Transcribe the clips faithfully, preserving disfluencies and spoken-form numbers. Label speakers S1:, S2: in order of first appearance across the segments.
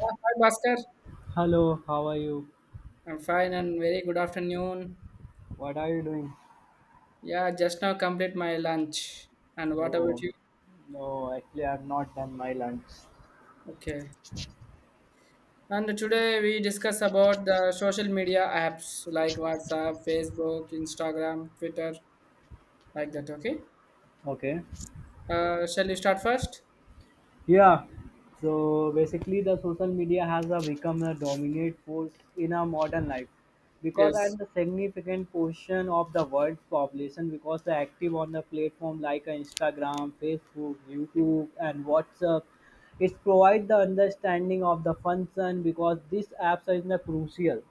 S1: Yeah, hi, Bhaskar.
S2: Hello, how are you?
S1: I'm fine and very good afternoon.
S2: What are you doing?
S1: Yeah, just now complete my lunch. And what about
S2: Oh,
S1: you?
S2: no, actually, I've not done my lunch.
S1: Okay. And today we discuss about the social media apps like WhatsApp, Facebook, Instagram, Twitter, like that. Okay.
S2: Okay.
S1: Uh, shall you start first?
S2: Yeah. So basically, the social media has uh, become a dominant force in our modern life because at
S1: Yes.
S2: the significant portion of the world's population because they're active on the platform like uh, Instagram, Facebook, YouTube, and WhatsApp. It provides the understanding of the function because these apps are in the crucial.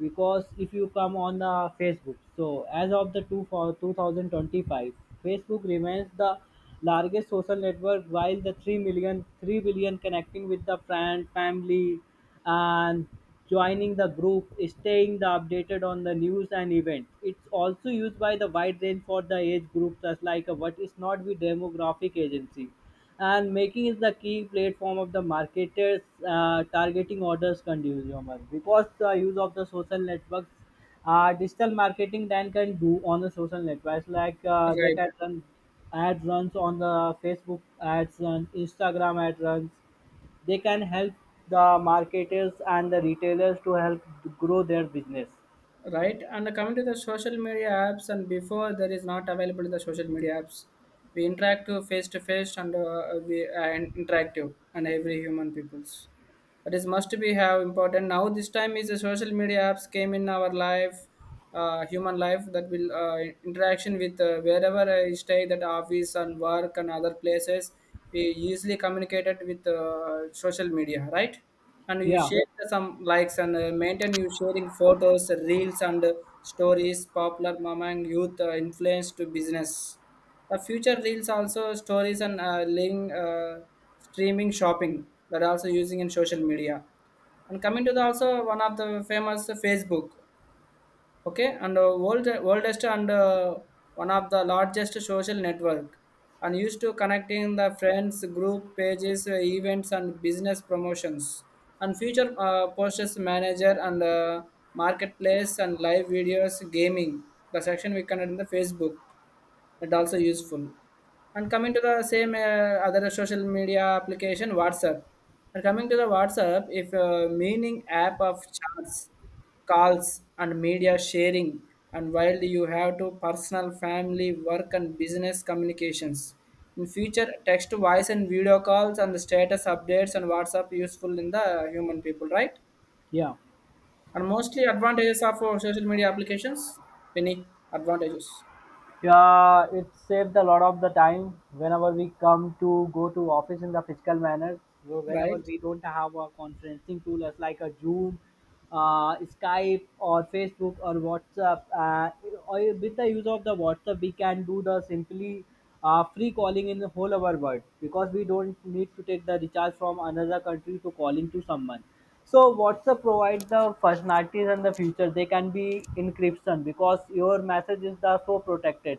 S2: Because if you come on uh, Facebook, so as of the two for two thousand twenty-five, Facebook remains the largest social network while the three million three billion connecting with the friend family and joining the group staying the updated on the news and events, it's also used by the wide range for the age groups as like a what is not the demographic agency and making is the key platform of the marketers uh, targeting orders consumer because the use of the social networks uh, digital marketing then can do on the social networks like uh, they
S1: Right.
S2: can run ad runs on the facebook ads and instagram ad runs. They can help the marketers and the retailers to help grow their business.
S1: Right. And coming to the social media apps, and before there is not available the social media apps, we interact to face to face and uh, we uh, interactive and every human peoples. That is must be have important now this time is the social media apps came in our life uh, human life that will uh, interaction with uh, wherever I stay that office and work and other places we easily communicated with uh, social media, right, and you
S2: yeah
S1: share some likes and uh, maintain you sharing photos reels and uh, stories popular among youth, uh, influence to business, the future reels also stories and uh, link uh, streaming shopping that are also using in social media. And coming to the also one of the famous Facebook, okay, and uh, world worldest and uh, one of the largest social network, and used to connecting the friends, group pages, uh, events, and business promotions, and future uh, posters manager and uh, marketplace and live videos, gaming. The section we connect in the Facebook that also useful and coming to the same uh, other social media application WhatsApp, and coming to the WhatsApp if uh, meaning app of chats, calls and media sharing, and while you have to personal family work and business communications in future text to voice and video calls and the status updates and WhatsApp useful in the human people, right,
S2: yeah
S1: and mostly advantages of uh, social media applications, many advantages,
S2: Yeah, it saved a lot of the time whenever we come to go to office in the physical manner. So whenever
S1: right.
S2: we don't have a conferencing tool as like a Zoom, uh, Skype or Facebook or WhatsApp, uh, or with the use of the WhatsApp, we can do the simply uh, free calling in the whole our world because we don't need to take the recharge from another country to calling to someone. So WhatsApp provides the functionalities and the feature. They can be encryption because your messages are so protected.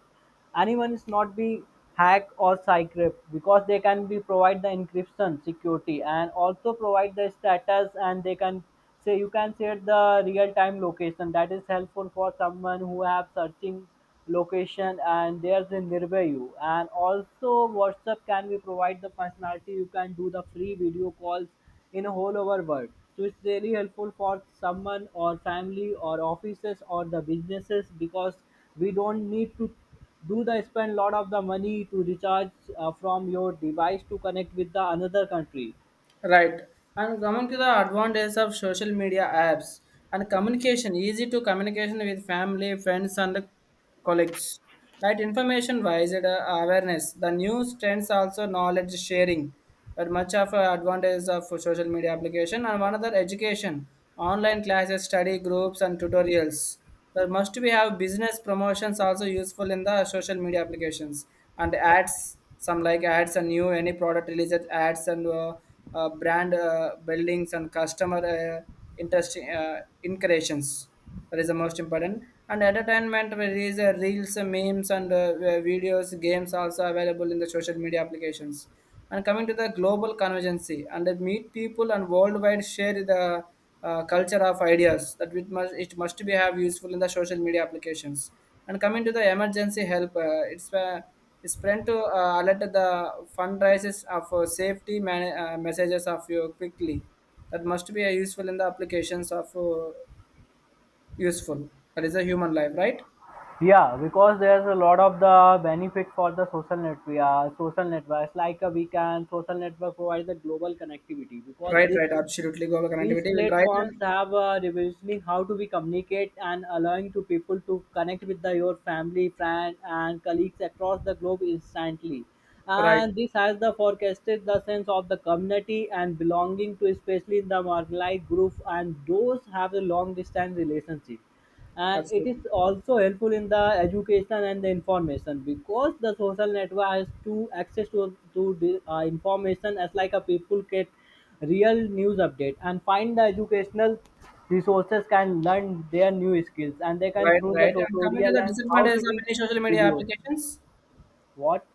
S2: Anyone is not be hack or cycrypt because they can be provide the encryption security, and also provide the status, and they can say you can share the real time location that is helpful for someone who have searching location and there's a nearby you. And also whatsapp can be provide the functionality you can do the free video calls in a whole over world. So it's really helpful for someone or family or offices or the businesses because we don't need to do the spend lot of the money to recharge uh, from your device to connect with the another country.
S1: Right. And coming to the advantages of social media apps and communication, easy to communication with family, friends, and colleagues. Right. Information wise, it, uh, awareness. The news trends also knowledge sharing. But much of uh, advantages of social media application and one other education, online classes, study groups, and tutorials. There must be have business promotions also useful in the social media applications and ads. Some like ads and new any product releases ads and. Uh, uh, brand uh, buildings and customer uh, interest uh, incursions. That is the most important. And entertainment, where there is uh, reels, uh, memes, and uh, uh, videos, games also available in the social media applications. And coming to the global convergence, and uh, meet people and worldwide share the uh, culture of ideas that it must, it must be have useful in the social media applications. And coming to the emergency help, uh, it's uh, is to uh, alert the fundraisers of uh, safety man- uh, messages of you quickly. That must be uh, useful in the applications of uh, useful. That is a human life, right?
S2: Yeah, because there's a lot of the benefit for the social network. Uh, social networks like uh, we can social network provide the global connectivity because
S1: Right,
S2: this.
S1: right, absolutely. Global
S2: These
S1: connectivity will right
S2: platforms
S1: and
S2: have uh, revolutionized how do we communicate and allowing to people to connect with the, your family, friend, and colleagues across the globe instantly.
S1: right,
S2: And this has the forecasted the sense of the community and belonging to, especially in the marginalized group and those have a long distance relationship. And it is
S1: absolutely.
S2: also helpful in the education and the information because the social network has to access to, to the, uh, information as like a people get real news update and find the educational resources, can learn their new skills and they can
S1: Right,
S2: through the
S1: right. And coming to
S2: tutorial
S1: the
S2: and how to
S1: disadvantages of
S2: be
S1: any social media
S2: videos.
S1: applications,
S2: What?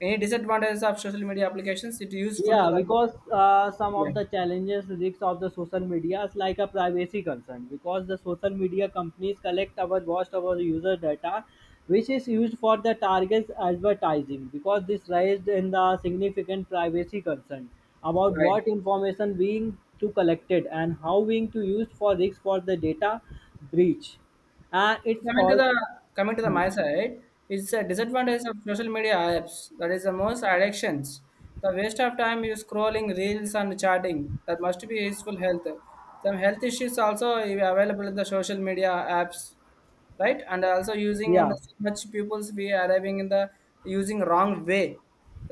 S1: any disadvantages of social media applications, it useful to
S2: Yeah,
S1: the,
S2: because uh, some
S1: yeah,
S2: of the challenges risks of the social media is like a privacy concern because the social media companies collect our most of our user data, which is used for the targets advertising. Because this raised in the significant privacy concern about
S1: right.
S2: what information being to collected and how being to used for risk for the data breach, and it's
S1: Coming to
S2: all.
S1: the coming to the my side, it's a disadvantage of social media apps. That is the most addictions. The waste of time you scrolling reels and chatting. That must be useful health. Some health issues also available in the social media apps, right, and also using and
S2: Yeah,
S1: so much people's we arriving in the using wrong way,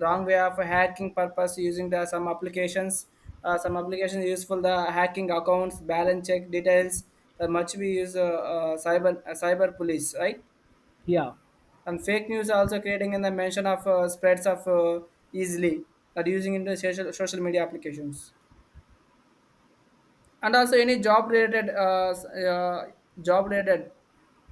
S1: wrong way of hacking purpose using the some applications, uh, some applications useful the hacking accounts balance check details. The much we use uh, uh, cyber uh, cyber police, right,
S2: yeah,
S1: and fake news also creating in the mention of uh, spreads of uh, easily that using into social social media applications. And also any job related, uh, s- uh, job related,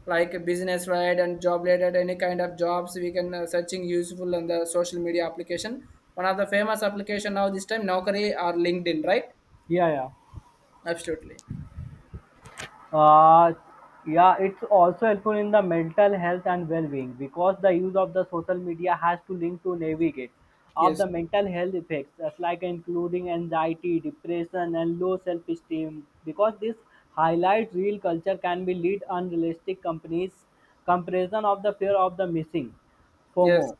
S1: like business, right, and job related, any kind of jobs we can uh, searching useful on the social media application. One of the famous application now this time Naukri or LinkedIn, right?
S2: yeah, yeah.
S1: Absolutely.
S2: uh, yeah it's also helpful in the mental health and well-being because the use of the social media has to link to navigate of
S1: Yes.
S2: the mental health effects that's like including anxiety, depression, and low self-esteem, because this highlights real culture can be lead unrealistic companies comparison of the fear of the missing
S1: Yes.
S2: FOMO,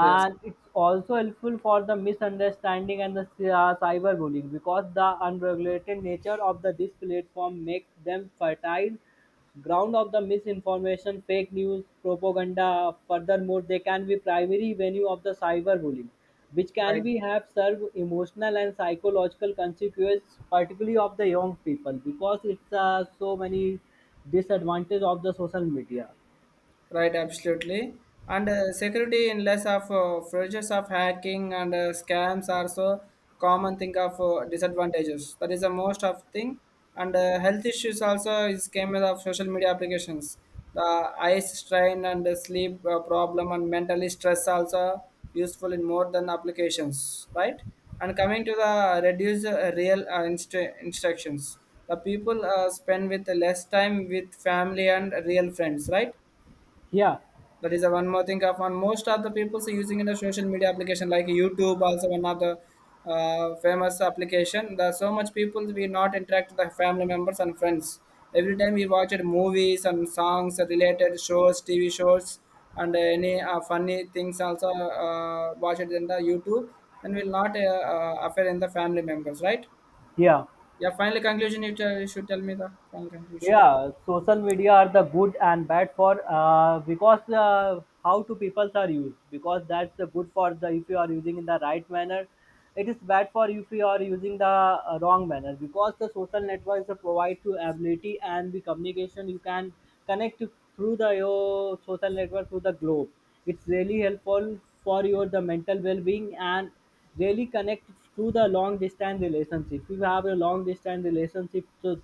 S1: Yes.
S2: it's also helpful for the misunderstanding and the cy- uh, cyberbullying because the unregulated nature of the this platform makes them fertile ground of the misinformation, fake news, propaganda. Furthermore, they can be primary venue of the cyberbullying, which can
S1: Right.
S2: be have serve emotional and psychological consequences, particularly of the young people, because it's uh, so many disadvantage of the social media.
S1: Right, absolutely. And uh, security in less of uh, features of hacking and uh, scams are so common thing of uh, disadvantages. That is the most of thing. And uh, health issues also is came with of social media applications. The eye strain and the sleep uh, problem and mentally stress also useful in more than applications, right? And coming to the reduce uh, real uh, instru- instructions, the people uh, spend with less time with family and real friends, right?
S2: Yeah,
S1: That is the one more thing of one. Most of the people are using in the social media application like YouTube, also one of the uh, famous application. There are so much people we not interact with the family members and friends. Every time we watch it, movies and songs related shows, T V shows, and any uh, funny things also uh, watch it in the YouTube. Then will not uh, uh, affect in the family members, right?
S2: yeah.
S1: Yeah. Final conclusion. You, tell, you should tell me the final conclusion.
S2: Yeah, social media are the good and bad for uh, because uh, how to peoples are used, because that's the good for the if you are using in the right manner, it is bad for if you are using the uh, wrong manner, because the social networks uh, provide to ability and the communication you can connect to- through the your social network through the globe. It's really helpful for your the mental well-being and really connect to the long distance relationship. If you have a long distance relationship, so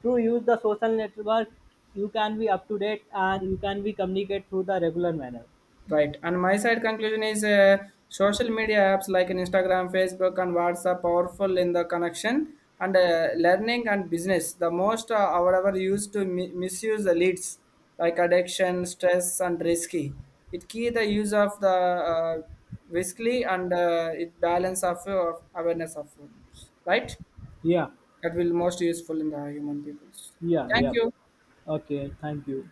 S2: through use the social network, you can be up to date and you can be communicate through the regular manner.
S1: Right. And my side conclusion is uh, social media apps like in Instagram, Facebook, and WhatsApp powerful in the connection and uh, learning and business. The most uh, our used to mi- misuse the leads like addiction, stress, and risky. It key the use of the uh, riskly and uh, it balance of uh, awareness of problems. Right.
S2: Yeah,
S1: That will most useful in the human peoples.
S2: yeah,
S1: Thank
S2: yeah.
S1: you.
S2: Okay, thank you.